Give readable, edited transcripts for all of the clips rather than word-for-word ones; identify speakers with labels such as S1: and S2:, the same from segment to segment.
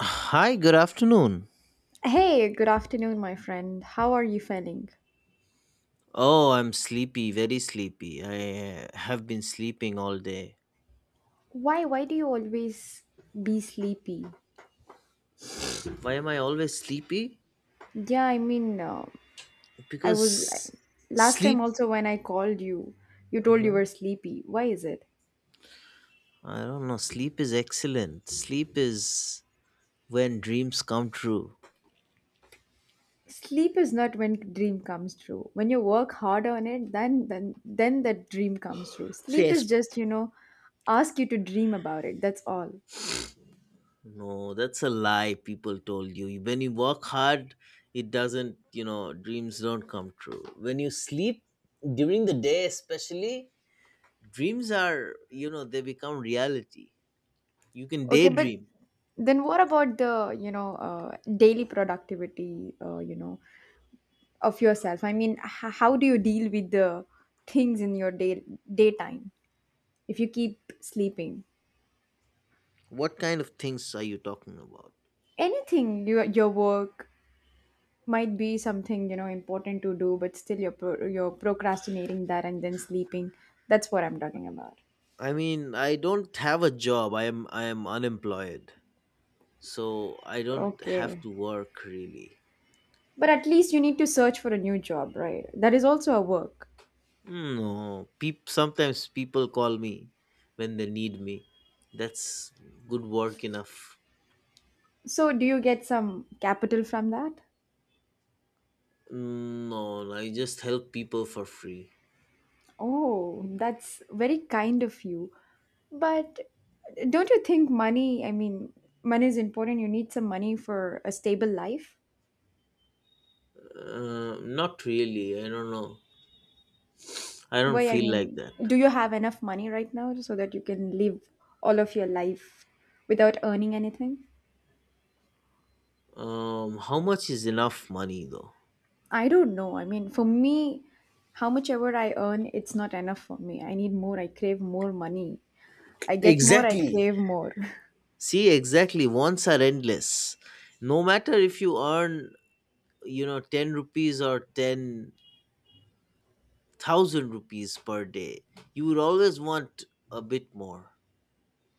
S1: Hi, good afternoon.
S2: Hey, good afternoon, my friend. How are you feeling?
S1: Oh, I'm sleepy, very sleepy. I have been sleeping all day.
S2: Why do you always be sleepy?
S1: Why am I always sleepy?
S2: Yeah, I mean, I was
S1: Because
S2: last time
S1: sleep.
S2: also when I called you, you told you
S1: Mhm.
S2: were sleepy. Why is it?
S1: I don't know. Sleep is excellent. Sleep is when dreams come true.
S2: Sleep is not when dream comes true. When you work hard on it, then that dream comes true. Sleep
S1: Yes.
S2: is just, you know, ask you to dream about it. That's all.
S1: No, that's a lie people told you. When you work hard, it doesn't, dreams don't come true. When you sleep during the day, especially, dreams are, they become reality. You can
S2: Okay, but
S1: daydream.
S2: then what about the, you know, daily productivity, of yourself. I mean, how do you deal with the things in your day daytime if you keep sleeping?
S1: What kind of things are you talking about?
S2: Anything, your work might be something, you know, important to do, but still you're you're procrastinating that and then sleeping. That's what I'm talking about.
S1: I mean, I don't have a job. I am unemployed. So I don't have
S2: Okay,
S1: to work really.
S2: but at least you need to search for a new job, right? That is also a work.
S1: No, sometimes people call me when they need me. That's good work enough.
S2: So do you get some capital from that?
S1: No, no, I just help people for free.
S2: Oh, that's very kind of you. But don't you think money, I mean, money is important. You need some money for a stable life.
S1: Not really. I don't know. I don't
S2: Why, I
S1: feel like
S2: mean,
S1: that.
S2: do you have enough money right now so that you can live all of your life without earning anything?
S1: How much is enough money though?
S2: I don't know. I mean, for me, how much ever I earn, it's not enough for me. I need more. I crave more money. I get more, I
S1: Exactly.
S2: crave more.
S1: See, exactly. Wants are endless. No matter if you earn, 10 rupees or 10,000 rupees per day, you would always want a bit more.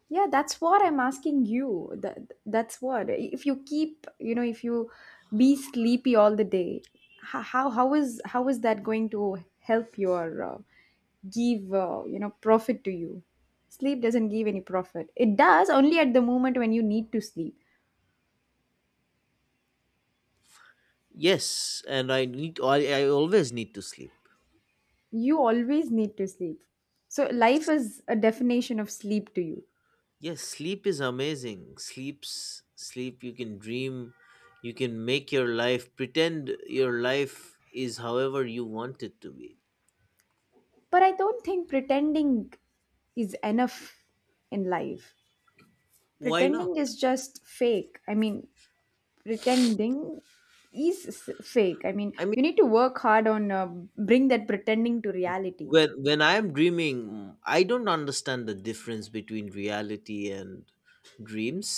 S2: Yeah, that's what I'm asking you. That's what. If you keep, you know, if you be sleepy all the day, how is how is that going to help your give profit to you? Sleep doesn't give any profit. It does only at the moment when you need to sleep.
S1: Yes, and I always need to sleep.
S2: You always need to sleep. So life is a definition of sleep to you.
S1: Yes, sleep is amazing. Sleep, you can dream, you can make your life, pretend your life is however you want it to be.
S2: But I don't think pretending is enough in life.
S1: Why not?
S2: Pretending is just fake. I mean, pretending is fake. I mean,
S1: I mean,
S2: you need to work hard on bring that pretending to reality.
S1: when I am dreaming, I don't understand the difference between reality and dreams.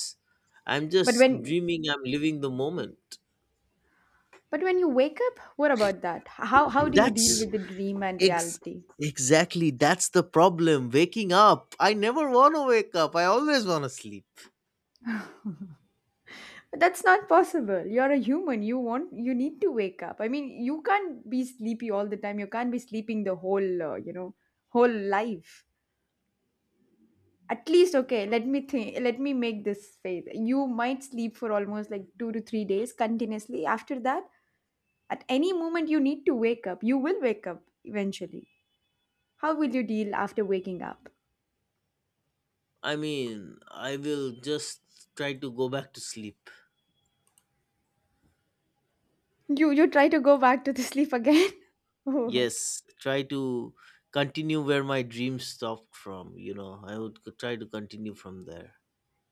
S1: I'm
S2: but
S1: just
S2: when
S1: dreaming, I'm living the moment.
S2: but when you wake up, what about that? How do you deal
S1: That's
S2: with the dream and
S1: ex-
S2: reality?
S1: exactly, that's the problem. Waking up, I never want to wake up, I always want to sleep.
S2: But that's not possible. You're a human. You want, you need to wake up. I mean, you can't be sleepy all the time. You can't be sleeping the whole whole life. At least, okay, let me think, let me make this faith. You might sleep for almost like 2 to 3 days continuously after that. At any moment you need to wake up, you will wake up eventually. How will you deal after waking up?
S1: I mean, I will just try to go back to sleep.
S2: You try to go back to the sleep again. Oh,
S1: Yes, try to continue where my dreams stopped from, I would try to continue from there.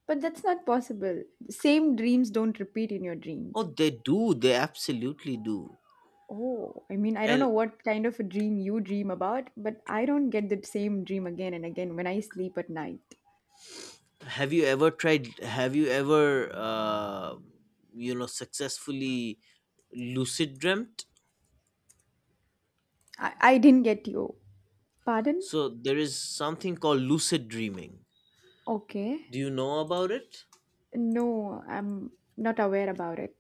S2: but that's not possible. Same dreams don't repeat in your
S1: Oh,
S2: dreams.
S1: they do, they absolutely do.
S2: Oh, I mean, I don't
S1: And
S2: know what kind of a dream you dream about, but I don't get the same dream again and again when I sleep at night.
S1: have you ever tried? Have you ever, successfully lucid dreamt?
S2: I didn't get you. Pardon?
S1: So there is something called lucid dreaming.
S2: Okay.
S1: Do you know about it?
S2: No, I'm not aware about it.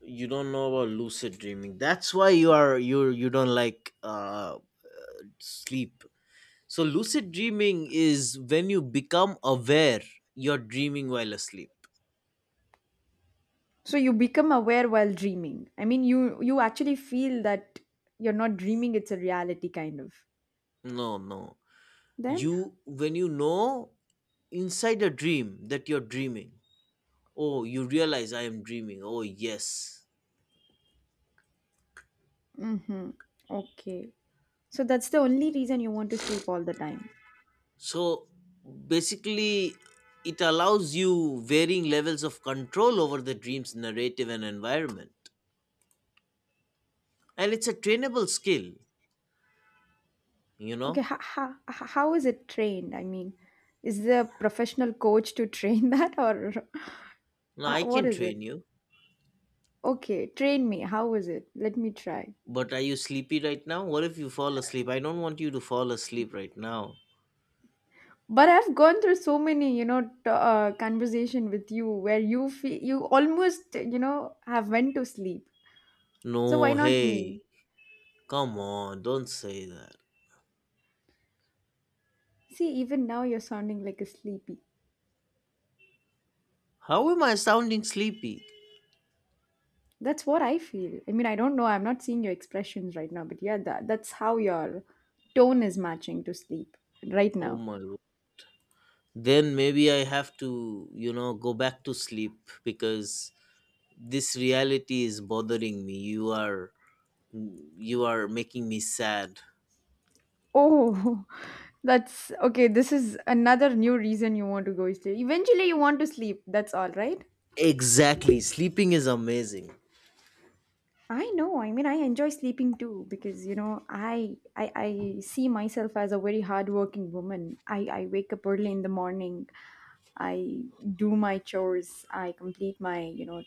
S1: You don't know about lucid dreaming. That's why you are you you don't like sleep. So lucid dreaming is when you become aware you're dreaming while asleep.
S2: So you become aware while dreaming. I mean, you actually feel that you're not dreaming; it's a reality kind of.
S1: No, no.
S2: Then,
S1: You when you know inside a dream that you're dreaming, oh, you realize I am dreaming. Oh yes.
S2: mm-hmm. Okay. So that's the only reason you want to sleep all the time.
S1: So basically, it allows you varying levels of control over the dream's narrative and environment, and it's a trainable skill you
S2: Okay,
S1: know
S2: how is it trained? I mean, is there a professional coach to train that or
S1: Now I
S2: what
S1: can
S2: is it?
S1: train you.
S2: Okay, train me. How is it? Let me try.
S1: But are you sleepy right now? What if you fall asleep? I don't want you to fall asleep right now.
S2: But I've gone through so many, you know, conversation with you where you feel you almost, you know, have went to sleep.
S1: No,
S2: So why not
S1: hey,
S2: me?
S1: come on, don't say that.
S2: See, even now you're sounding like a sleepy.
S1: How am I sounding sleepy?
S2: That's what I feel. I mean, I don't know. I'm not seeing your expressions right now, but yeah, that's how your tone is matching to sleep right
S1: Oh
S2: now.
S1: my, then maybe I have to, go back to sleep because this reality is bothering me. You are making me sad.
S2: Oh, that's okay. This is another new reason you want to go sleep. Eventually, you want to sleep. That's all, right?
S1: Exactly. Sleeping is amazing.
S2: I know. I mean, I enjoy sleeping too because, you know, I see myself as a very hardworking woman. I wake up early in the morning. I do my chores. I complete my, you know,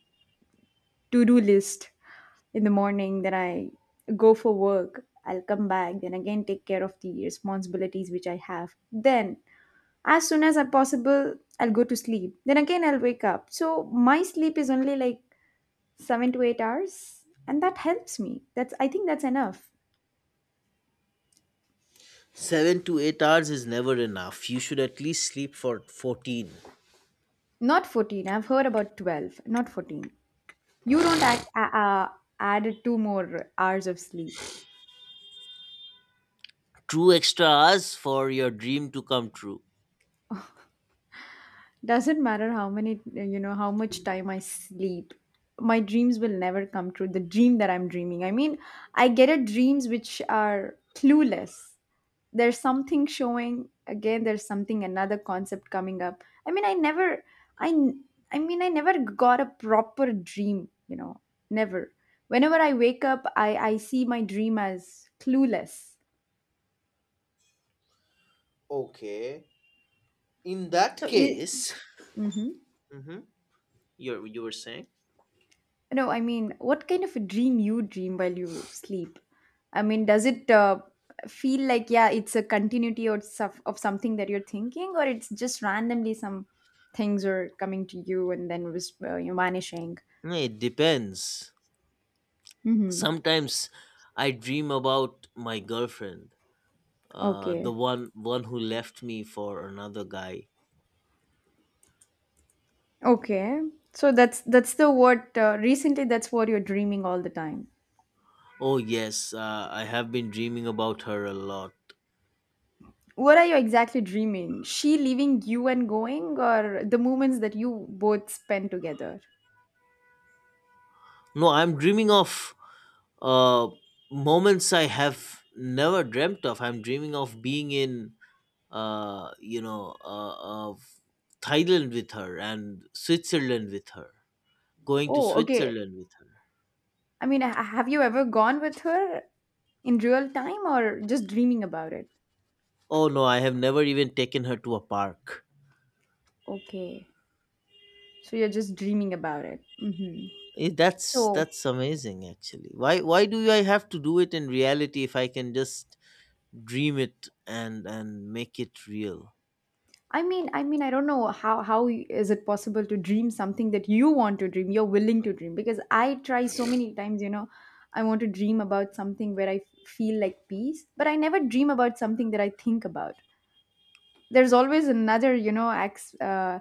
S2: to do list in the morning. Then I go for work. I'll come back. Then again, take care of the responsibilities which I have. Then, as soon as I possible, I'll go to sleep. Then again, I'll wake up. So my sleep is only like 7 to 8 hours and that helps me. That's, I think, that's enough.
S1: 7 to 8 hours is never enough. You should at least sleep for 14.
S2: Not 14, I've heard about 12, not 14. You don't act, add two more hours of sleep.
S1: Two extra hours for your dream to come true.
S2: Doesn't matter how many, you know, how much time I sleep, my dreams will never come true. The dream that I'm dreaming, I mean, I get a dreams which are clueless. There's something showing again, there's something another concept coming up. I mean, I never I n- I mean I never got a proper dream, you know, never. Whenever I wake up, I see my dream as clueless.
S1: Okay. In that
S2: So, is,
S1: case,
S2: mm-hmm.
S1: Mhm. you were saying?
S2: No, I mean, what kind of a dream you dream while you sleep? I mean, does it feel like, yeah, it's a continuity or stuff of something that you're thinking, or it's just randomly some things are coming to you and then was, you're vanishing?
S1: No, it depends.
S2: Mm-hmm.
S1: Sometimes I dream about my girlfriend, uh, the
S2: Okay.
S1: one one who left me for another guy.
S2: Okay. So that's the what recently, that's what you're dreaming all the time.
S1: Oh yes, I have been dreaming about her a lot.
S2: What are you exactly dreaming? She leaving you and going, or the moments that you both spend together?
S1: No, I'm dreaming of uh, moments I have never dreamt of. I'm dreaming of being in of Thailand with her and Switzerland with her. Going to
S2: Oh, okay.
S1: Switzerland with her.
S2: I mean, have you ever gone with her in real time or just dreaming about it?
S1: Oh no, I have never even taken her to a park.
S2: Okay. So you're just dreaming about it. Hmm.
S1: Eh, That's
S2: So
S1: that's amazing actually. Why do I have to do it in reality if I can just dream it and make it real.
S2: I mean, I don't know how is it possible to dream something that you want to dream, you're willing to dream? Because I try so many times, you know, I want to dream about something where feel like peace, but I never dream about something that I think about. There's always another, you know,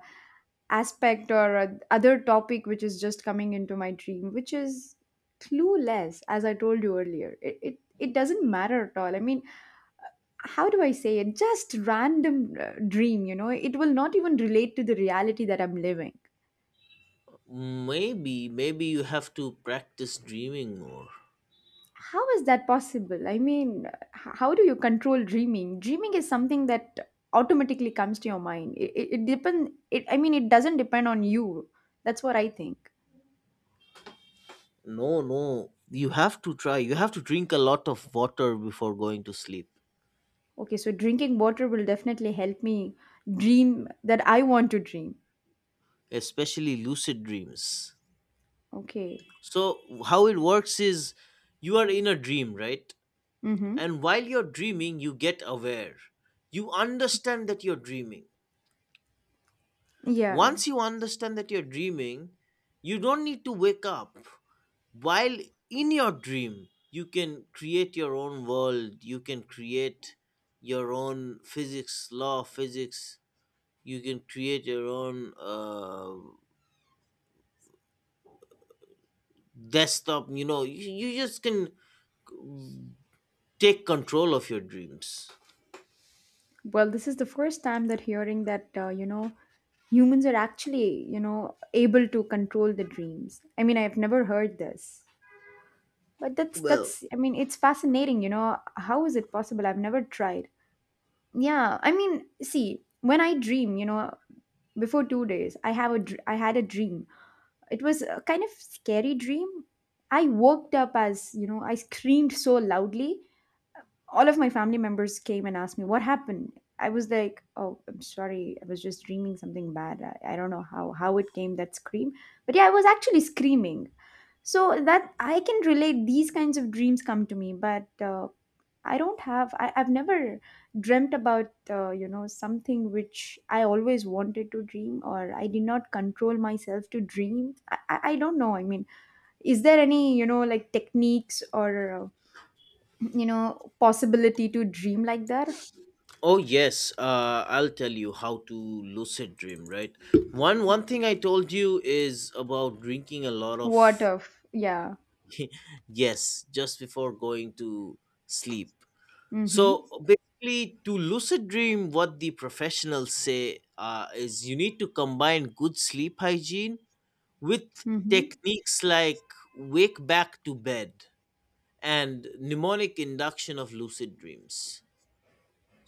S2: aspect or other topic which is just coming into my dream, which is clueless, as I told you earlier. It doesn't matter at all. I mean, how do I say it, just random dream, you know, it will not even relate to the reality that I'm living.
S1: Maybe you have to practice dreaming more.
S2: How is that possible? I mean, how do you control dreaming? Dreaming is something that automatically comes to your mind. It depend it I mean, it doesn't depend on you. That's what I think.
S1: No, no, you have to try. You have to drink a lot of water before going to sleep.
S2: Okay, so drinking water will definitely help me dream that I want to dream.
S1: Especially lucid dreams.
S2: Okay.
S1: So how it works is, you are in a dream, right?
S2: Mm-hmm.
S1: And while you're dreaming, you get aware, you understand that you're dreaming.
S2: Yeah.
S1: Once you understand that you're dreaming, you don't need to wake up. While in your dream, you can create your own world, you can create your own physics, law of physics, you can create your own desktop. You know, you just can take control of your dreams.
S2: Well, this is the first time that hearing that, you know, humans are actually, you know, able to control the dreams. I mean, I've never heard this. But that's
S1: Well.
S2: I mean, it's fascinating, you know, how is it possible? I've never tried. Yeah, I mean, see, when I dream, you know, before 2 days, I had a dream. It was a kind of scary dream. I woke up, as you know, I screamed so loudly. All of my family members came and asked me what happened. I was like, oh, I'm sorry, I was just dreaming something bad. I don't know how it came that scream, but yeah, I was actually screaming. So that I can relate, these kinds of dreams come to me, but I don't have. I've never dreamt about something which I always wanted to dream, or I did not control myself to dream. I don't know. I mean, is there any, you know, like techniques or possibility to dream like that?
S1: Oh yes, I'll tell you how to lucid dream, right? One thing I told you is about drinking a lot of
S2: What of? Yeah.
S1: yes, just before going to sleep.
S2: Mm-hmm.
S1: So basically, to lucid dream, what the professionals say is you need to combine good sleep hygiene with
S2: Mm-hmm.
S1: techniques like wake back to bed and mnemonic induction of lucid dreams,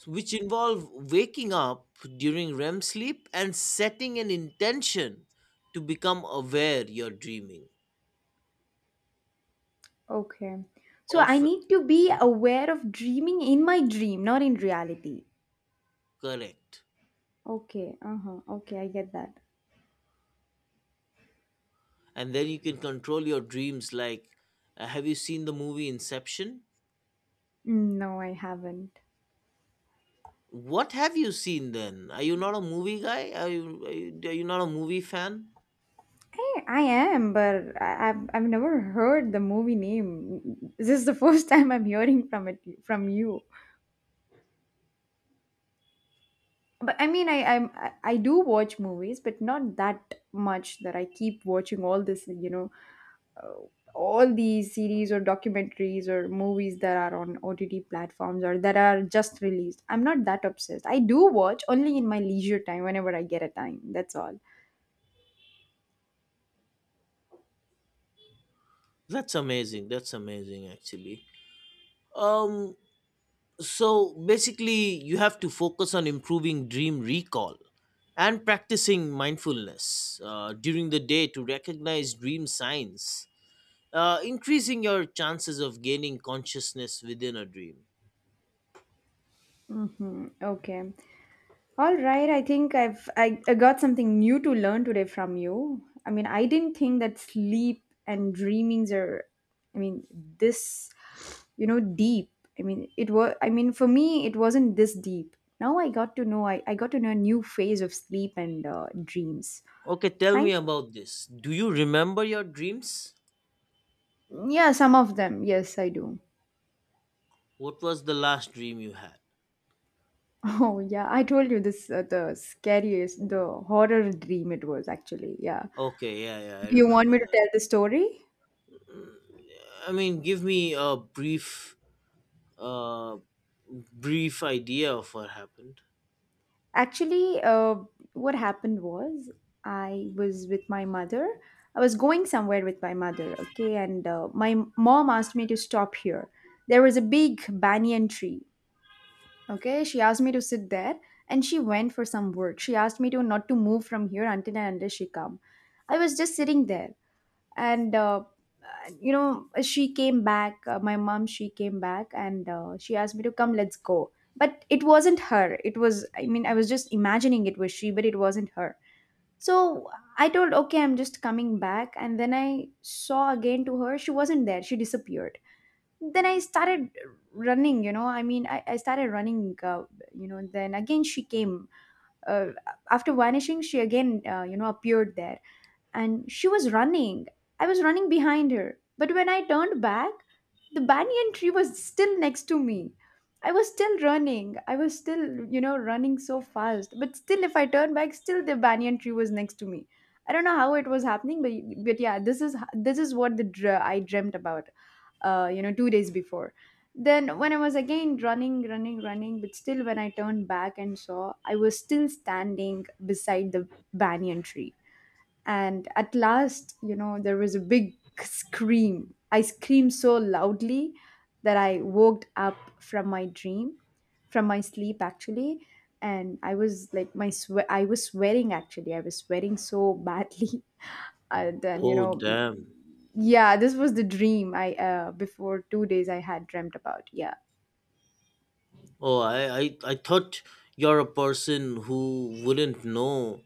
S1: which involve waking up during REM sleep and setting an intention to become aware you're dreaming
S2: Okay. So I
S1: of.
S2: need to be aware of dreaming in my dream, not in reality.
S1: Correct.
S2: Okay. Uh huh. Okay, I get that.
S1: And then you can control your dreams like, have you seen the movie Inception?
S2: Mm, no, I haven't.
S1: What have you seen then? Are you not a movie guy? Are you not a movie fan?
S2: I am, but I've never heard the movie name. This is the first time I'm hearing from it from you. But I mean, I I'm, I do watch movies, but not that much that I keep watching all this. You know, uh, all these series or documentaries or movies that are on OTT platforms or that are just released. I'm not that obsessed. I do watch only in my leisure time whenever I get a time. That's all.
S1: That's amazing. That's amazing actually. Um so basically you have to focus on improving dream recall and practicing mindfulness during the day to recognize dream signs, increasing your chances of gaining consciousness within a dream.
S2: Mm-hmm. Okay. All right, I think I got something new to learn today from you. I mean, I didn't think that sleep and dreamings are I mean, this, you know, deep. I mean, it was I mean, for me it wasn't this deep. Now I got to know I got to know a new phase of sleep and dreams.
S1: Okay, tell me
S2: Thank
S1: about this. Do you remember your dreams?
S2: Yeah, some of them. Yes, I do.
S1: What was the last dream you had?
S2: Oh, yeah, I told you this the scariest, the horror dream it was actually. Yeah.
S1: Okay, yeah, yeah, I
S2: Do you want
S1: remember
S2: me to
S1: that.
S2: tell the story?
S1: I mean, give me a brief, uh, brief idea of what happened.
S2: Actually, uh, what happened was I was with my mother. I was going somewhere with my mother, okay, and my mom asked me to stop here. There was a big banyan tree, okay. She asked me to sit there, and she went for some work. She asked me to not to move from here until and until she come. I was just sitting there and she came back my mom she came back and she asked me to come, let's go, but it wasn't her. It was, I mean, I was just imagining it was she, but it wasn't her. So I told, okay, I'm just coming back, and then I saw again to her. She wasn't there. She disappeared. Then I started running, I mean, I started running, then again she came, uh, after vanishing she again appeared there, and she was running. I was running behind her. But when I turned back, the banyan tree was still next to me. I was still running. I was still, running so fast. But still, if I turned back, still the banyan tree was next to me. I don't know how it was happening, but yeah, this is what the I dreamt about, 2 days before. Then when I was again running, running, running, but still when I turned back and saw, I was still standing beside the banyan tree. And at last, you know, there was a big scream. I screamed so loudly that I woke up from my dream, from my sleep actually. And I was like my I was sweating. Actually, I was sweating so badly. And then you
S1: Oh,
S2: know
S1: damn.
S2: yeah, this was the dream I before 2 days I had dreamt about. Yeah,
S1: Oh, I thought you're a person who wouldn't know,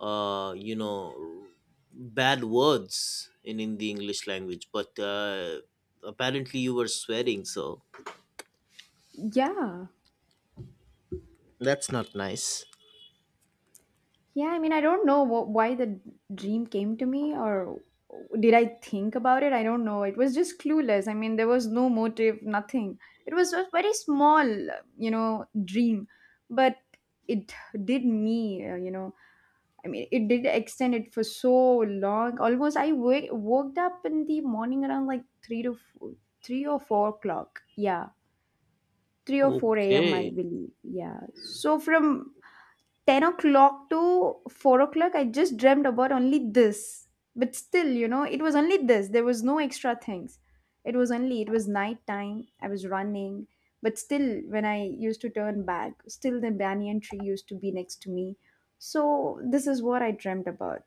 S1: uh, you know, bad words in the English language, but apparently you were sweating, so
S2: yeah.
S1: that's not nice.
S2: Yeah, I mean, I don't know why the dream came to me, or did I think about it? I don't know. It was just clueless. I mean, there was no motive, nothing. It was a very small, you know, dream, but it did me, I mean, it did extend it for so long. Almost, I woke up in the morning around like three to four, 3 or 4 o'clock. Yeah, three or four a.m. I
S1: Okay,
S2: believe. Yeah. So from 10 o'clock to 4 o'clock I just dreamt about only this. But still, you know, it was only this. There was no extra things. It was only, it was night time, I was running, but still when I used to turn back, still the banyan tree used to be next to me. So this is what I dreamt about.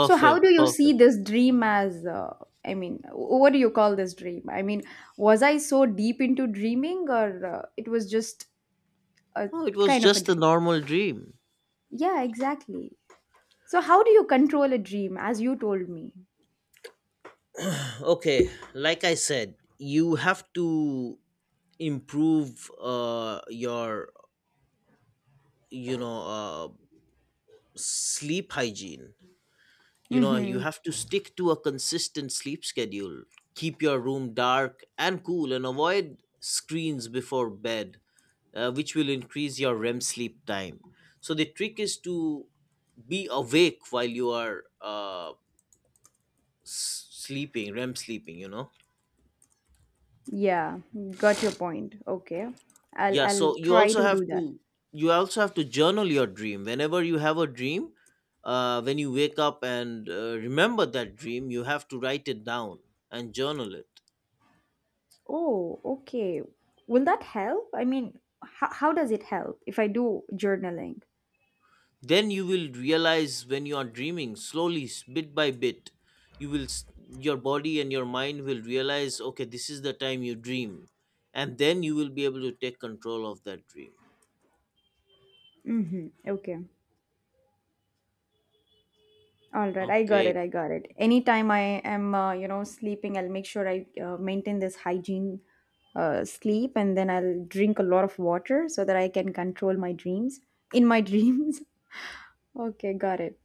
S2: So how do you see
S1: perfect.
S2: this dream as, I mean what do you call this dream? I mean, was I so deep into dreaming, or it was just a
S1: Oh, it was
S2: kind of a
S1: just a
S2: dream?
S1: normal dream.
S2: Yeah, exactly. So how do you control a dream, as you told me?
S1: Okay, like I said, you have to improve your you know uh sleep hygiene. You know, you
S2: Mm-hmm.
S1: have to stick to a consistent sleep schedule, keep your room dark and cool, and avoid screens before bed, which will increase your REM sleep time. So the trick is to be awake while you are sleeping rem sleeping you know
S2: Yeah, got your point. Okay, I'll
S1: Yeah,
S2: I'll
S1: so you
S2: try
S1: also
S2: to
S1: have
S2: do that.
S1: to you also have to journal your dream. Whenever you have a dream, when you wake up and remember that dream, you have to write it down and journal it.
S2: Oh, okay. Will that help? I mean, how does it help if I do journaling?
S1: Then you will realize when you are dreaming slowly, bit by bit, you will your body and your mind will realize, okay, this is the time you dream, and then you will be able to take control of that dream.
S2: Mm-hmm. Okay. All right. I got
S1: Okay.
S2: it. I got it. Anytime I am, sleeping, I'll make sure I maintain this hygiene, sleep, and then I'll drink a lot of water so that I can control my dreams in my dreams. Okay, got it.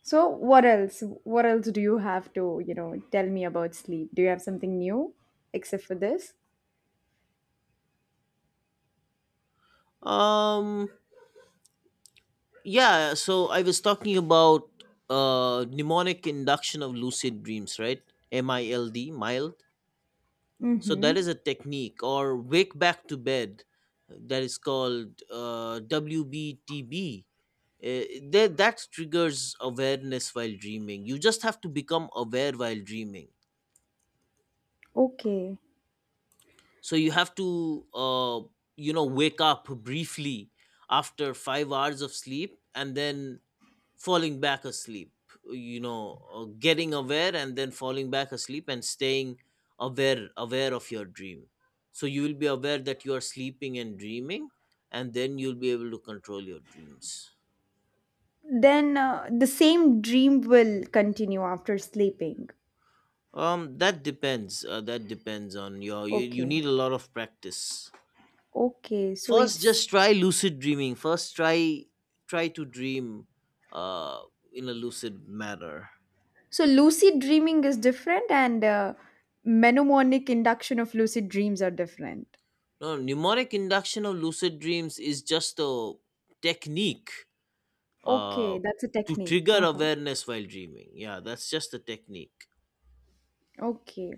S2: So what else? What else do you have to, you know, tell me about sleep? Do you have something new except for this?
S1: Um. Yeah, so I was talking about mnemonic induction of lucid dreams, right? MILD, mild. So that is a
S2: Mm-hmm.
S1: technique, or wake back to bed, that is called WBTB. Uh, that triggers awareness while dreaming. You just have to become aware while dreaming.
S2: Okay.
S1: So you have to, wake up briefly after 5 hours of sleep and then falling back asleep, getting aware and then falling back asleep and staying aware of your dream, so you will be aware that you are sleeping and dreaming, and then you'll be able to control your dreams.
S2: Then the same dream will continue after sleeping.
S1: That depends on you
S2: Okay.
S1: need a lot of practice.
S2: Okay. So
S1: First,
S2: it's
S1: just try lucid dreaming, first try to dream uh in a lucid manner.
S2: so lucid dreaming is different, and mnemonic induction of lucid dreams are different.
S1: No, mnemonic induction of lucid dreams is just a technique,
S2: Okay,
S1: uh,
S2: that's a
S1: to
S2: technique.
S1: trigger
S2: Uh-huh.
S1: awareness while dreaming. Yeah, that's just a technique.
S2: Okay.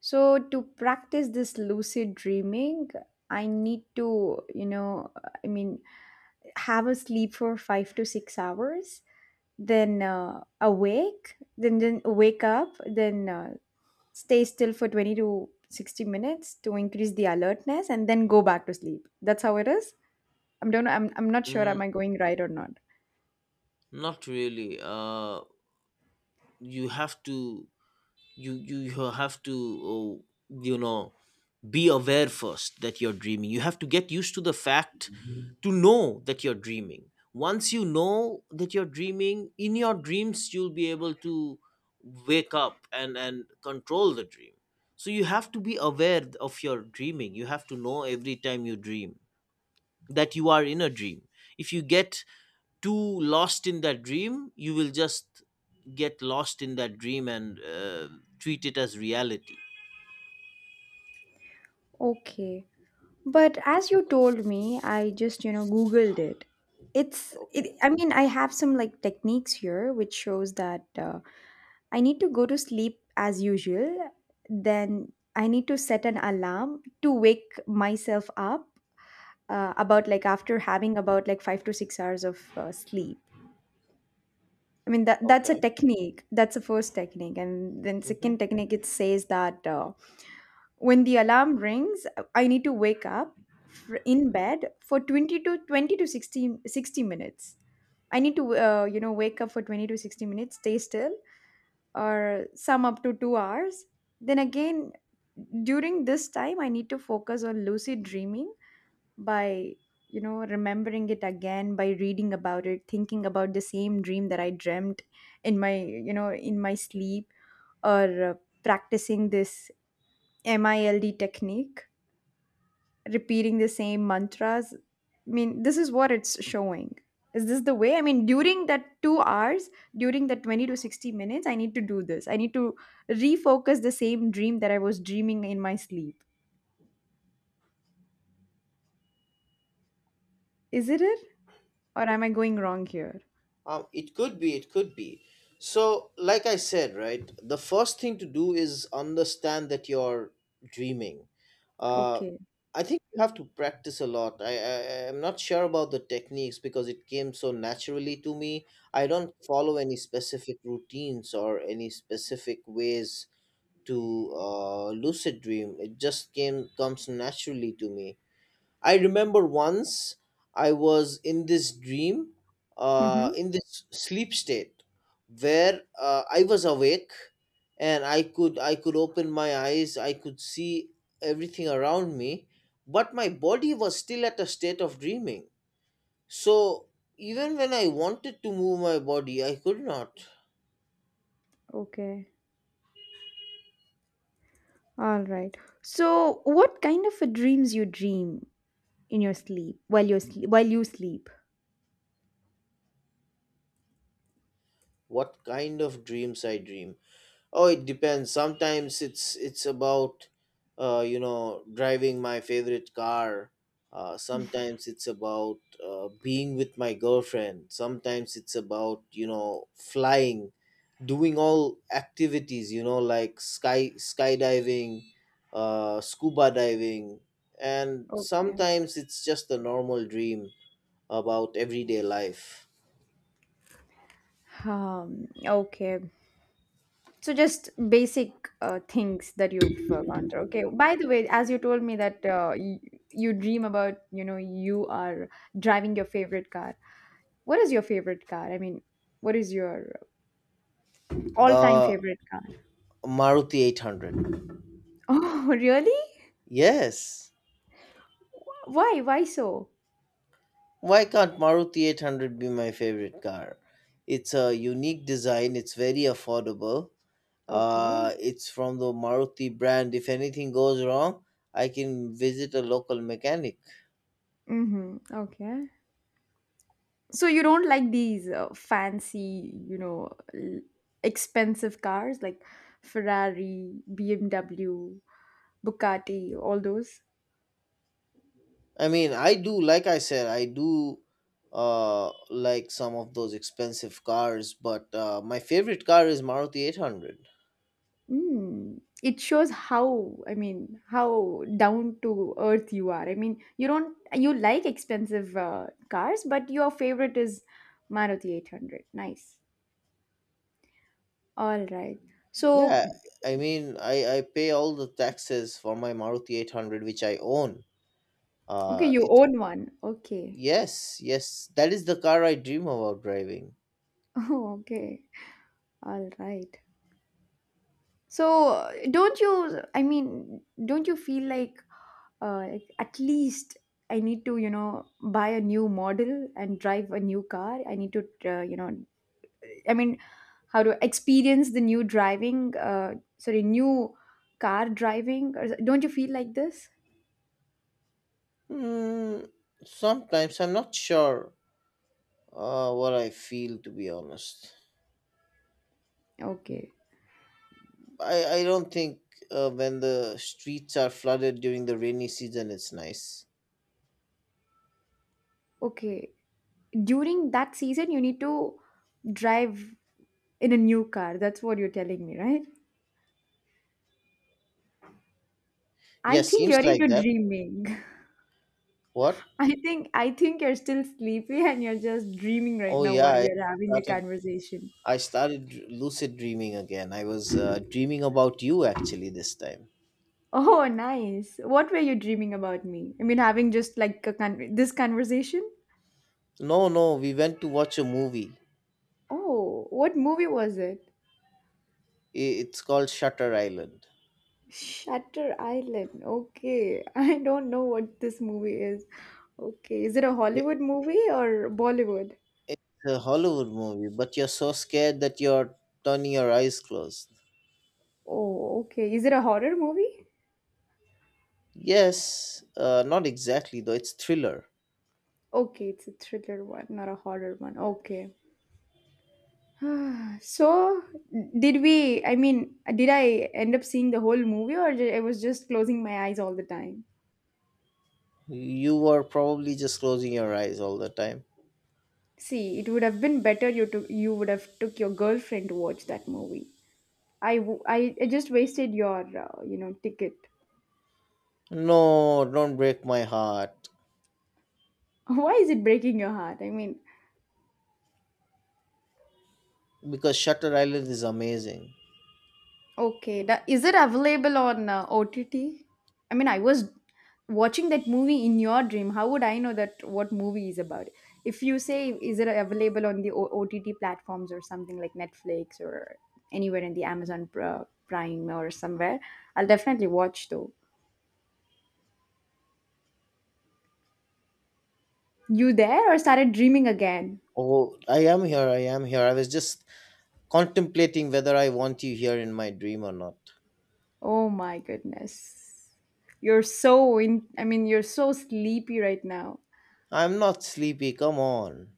S2: So to practice this lucid dreaming, I need to, you know, I mean, have a sleep for 5 to 6 hours, then awake, then wake up, then stay still for 20 to 60 minutes to increase the alertness, and then go back to sleep. That's how it is. I'm not sure. Am
S1: Mm,
S2: I going right or not?
S1: not really. You have to you have to oh, you know be aware first that you're dreaming. You have to get used to the fact to know that you're dreaming. Once you know that you're dreaming, in your dreams, you'll be able to wake up, and control the dream. So you have to be aware of your dreaming. You have to know every time you dream that you are in a dream. If you get too lost in that dream, you will just get lost in that dream and treat it as reality.
S2: Okay. But as you told me, I just, you know, Googled it. It's,
S1: Okay.
S2: it, I mean, I have some like techniques here which shows that I need to go to sleep as usual. Then I need to set an alarm to wake myself up about like after having about like 5 to 6 hours of sleep. I mean, that, that's a
S1: Okay.
S2: technique. That's the first technique. And then second
S1: Mhm.
S2: technique, it says that. When the alarm rings I need to wake up in bed for 20 to 60 minutes. I need to, wake up for 20 to 60 minutes, stay still, or some up to 2 hours. Then again, during this time I need to focus on lucid dreaming by, you know, remembering it again, by reading about it, thinking about the same dream that I dreamt in my, you know, in my sleep, or uh, practicing this mild technique, repeating the same mantras. I mean, this is what it's showing. Is this the way? I mean, during that 2 hours, during that 20 to 60 minutes, I need to do this. I need to refocus the same dream that I was dreaming in my sleep. Is it it? Or am I going wrong here?
S1: It could be, it could be. So, like I said, right, the first thing to do is understand that you're dreaming. Uh,
S2: Okay.
S1: I think you have to practice a lot. I'm not sure about the techniques because it came so naturally to me. I don't follow any specific routines or any specific ways to lucid dream. It just came comes naturally to me. I remember once I was in this dream,
S2: Mm-hmm.
S1: in this sleep state, where I was awake, and I could open my eyes, I could see everything around me, but my body was still at a state of dreaming. So even when I wanted to move my body, I could not.
S2: Okay. All right. So, what kind of a dreams you dream in your sleep while you sleep?
S1: What kind of dreams I dream? Oh, it depends. Sometimes it's about driving my favorite car. Sometimes it's about being with my girlfriend. Sometimes it's about flying, doing all activities. You know, like skydiving, scuba diving, and
S2: Okay.
S1: sometimes it's just a normal dream about everyday life.
S2: Okay. So just basic things that you've gone through. Okay. By the way, as you told me that you dream about, you know, you are driving your favorite car. What is your favorite car? I mean, what is your all-time
S1: Uh,
S2: favorite car?
S1: Maruti 800.
S2: Oh, really?
S1: Yes.
S2: Why? Why so?
S1: Why can't Maruti 800 be my favorite car? It's a unique design, it's very affordable.
S2: Okay.
S1: It's from the Maruti brand. If anything goes wrong, I can visit a local mechanic.
S2: Mm-hmm. Okay. So you don't like these fancy, you know, expensive cars like Ferrari, BMW, Bugatti, all those?
S1: I mean, I do, like I said, I do like some of those expensive cars, but my favorite car is Maruti 800.
S2: Mm. It shows how, I mean, how down to earth you are. I mean, you don't, you like expensive cars, but your favorite is Maruti 800. Nice. All right. So,
S1: Yeah, I mean, I pay all the taxes for my Maruti 800, which I own.
S2: okay,
S1: Uh,
S2: you own one. Okay.
S1: Yes, yes, that is the car I dream about driving.
S2: Oh, okay. All right. So, don't you, I mean, don't you feel like at least I need to, you know, buy a new model and drive a new car? I need to, I mean, how to experience the new driving, sorry, new car driving? Or, don't you feel like this?
S1: Hmm, sometimes I'm not sure what I feel, to be honest.
S2: Okay,
S1: I don't think when the streets are flooded during the rainy season, it's nice.
S2: okay. During that season, you need to drive in a new car. That's what you're telling me, right? I
S1: Yeah,
S2: think you're
S1: seems like
S2: into
S1: that.
S2: dreaming.
S1: What?
S2: I think you're still sleepy and you're just dreaming right
S1: Oh,
S2: now what we
S1: yeah,
S2: are having the
S1: started,
S2: conversation.
S1: I started lucid dreaming again. I was dreaming about you actually this time.
S2: Oh, nice. What were you dreaming about me? I mean, having just like a this conversation?
S1: No, no, we went to watch a movie.
S2: Oh, what movie was it?
S1: It's called Shutter Island.
S2: Shutter Island. Okay, I don't know what this movie is. Okay, is it a
S1: Yeah,
S2: Hollywood movie or Bollywood?
S1: it's a Hollywood movie, but you're so scared that you're turning your eyes closed.
S2: Oh, okay. Is it a horror movie?
S1: Yes, not exactly though. It's thriller.
S2: Okay, it's a thriller one, not a horror one. Okay. So, did we, I mean, did I end up seeing the whole movie or I was just closing my eyes all the time?
S1: You were probably just closing your eyes all the time.
S2: See, it would have been better you took, you would have took your girlfriend to watch that movie. I just wasted your, ticket.
S1: No, don't break my heart.
S2: Why is it breaking your heart? I mean,
S1: Because Shutter Island is amazing.
S2: okay, that, is it available on OTT? I mean, I was watching that movie in your dream. How would I know that what movie is about? If you say, is it available on the OTT platforms or something like Netflix or anywhere in the Amazon Prime or somewhere, I'll definitely watch though. You there or started dreaming again?
S1: Oh, I am here. I am here. I was just contemplating whether I want you here in my dream or not.
S2: Oh my goodness. You're so in, I mean, you're so sleepy right now.
S1: I'm not sleepy. Come on.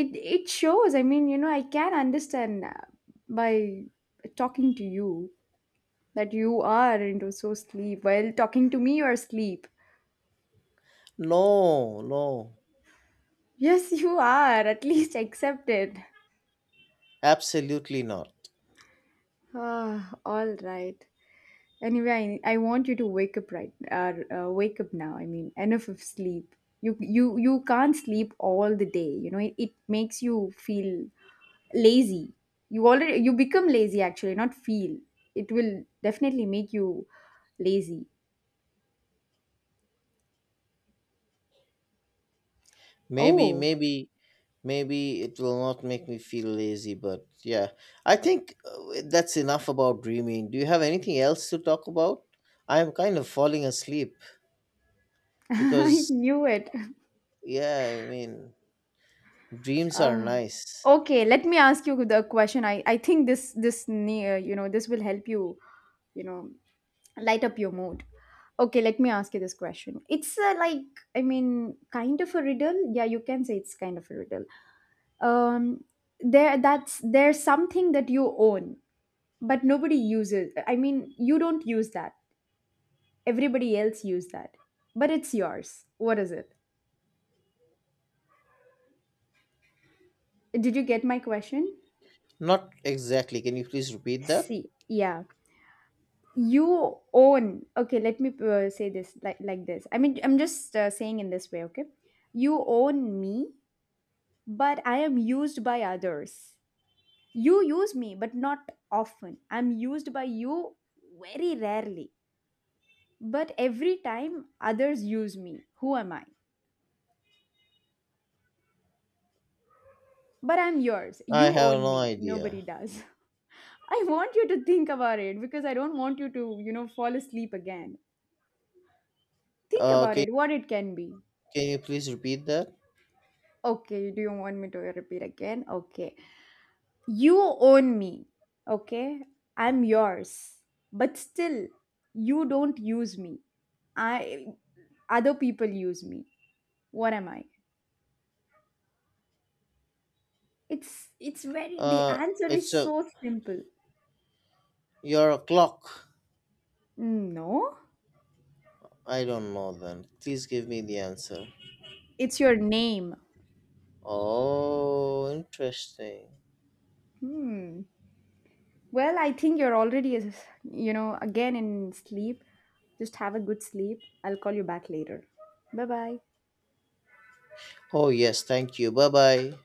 S2: It shows, I mean, you know, I can understand, by talking to you, that you are into so sleep. While talking to me, you are sleep.
S1: No, no,
S2: Yes, you are. At least accept it.
S1: absolutely not.
S2: Ah, all right. Anyway, I want you to wake up right, wake up now. I mean, enough of sleep. You can't sleep all the day. You know, it makes you feel lazy. You already, you become lazy actually, not feel. It will definitely make you lazy.
S1: maybe
S2: Oh.
S1: maybe maybe it will not make me feel lazy, but yeah, I think that's enough about dreaming. Do you have anything else to talk about? I am kind of falling asleep
S2: I
S1: because,
S2: knew it.
S1: yeah, I mean, dreams are
S2: Ah.
S1: nice.
S2: Okay, let me ask you the question. I think this, near, you know, this will help you, you know, light up your mood. Okay, let me ask you this question. It's, like, I mean, kind of a riddle. Yeah, you can say it's kind of a riddle. Um, there's something that you own, but nobody uses. I mean, you don't use that. Everybody else used that. But it's yours. What is it? Did you get my question?
S1: Not exactly, can you please repeat that?
S2: See, yeah. You own. Okay, let me say this like this. I mean, I'm just saying in this way, okay? You own me, but I am used by others. You use me, but not often. I'm used by you very rarely. But every time others use me, who am I? But I'm yours.
S1: I
S2: You
S1: have
S2: own
S1: no
S2: me. Nobody
S1: idea.
S2: does. I want you to think about it because I don't want you to, you know, fall asleep again. Think
S1: uh
S2: about
S1: can,
S2: it, what it can be.
S1: can you please repeat that?
S2: Okay, do you want me to repeat again? Okay. You own me. Okay. I'm yours. But still, you don't use me. I other people use me. What am I? It's very the
S1: uh
S2: answer
S1: it's
S2: is
S1: a
S2: so simple.
S1: you're a clock.
S2: No.
S1: I don't know, then please give me the answer.
S2: It's your name.
S1: Oh, interesting.
S2: Hmm. Well, I think you're already, you know, again in sleep. Just have a good sleep. I'll call you back later. Bye bye.
S1: Oh, yes, thank you. Bye bye.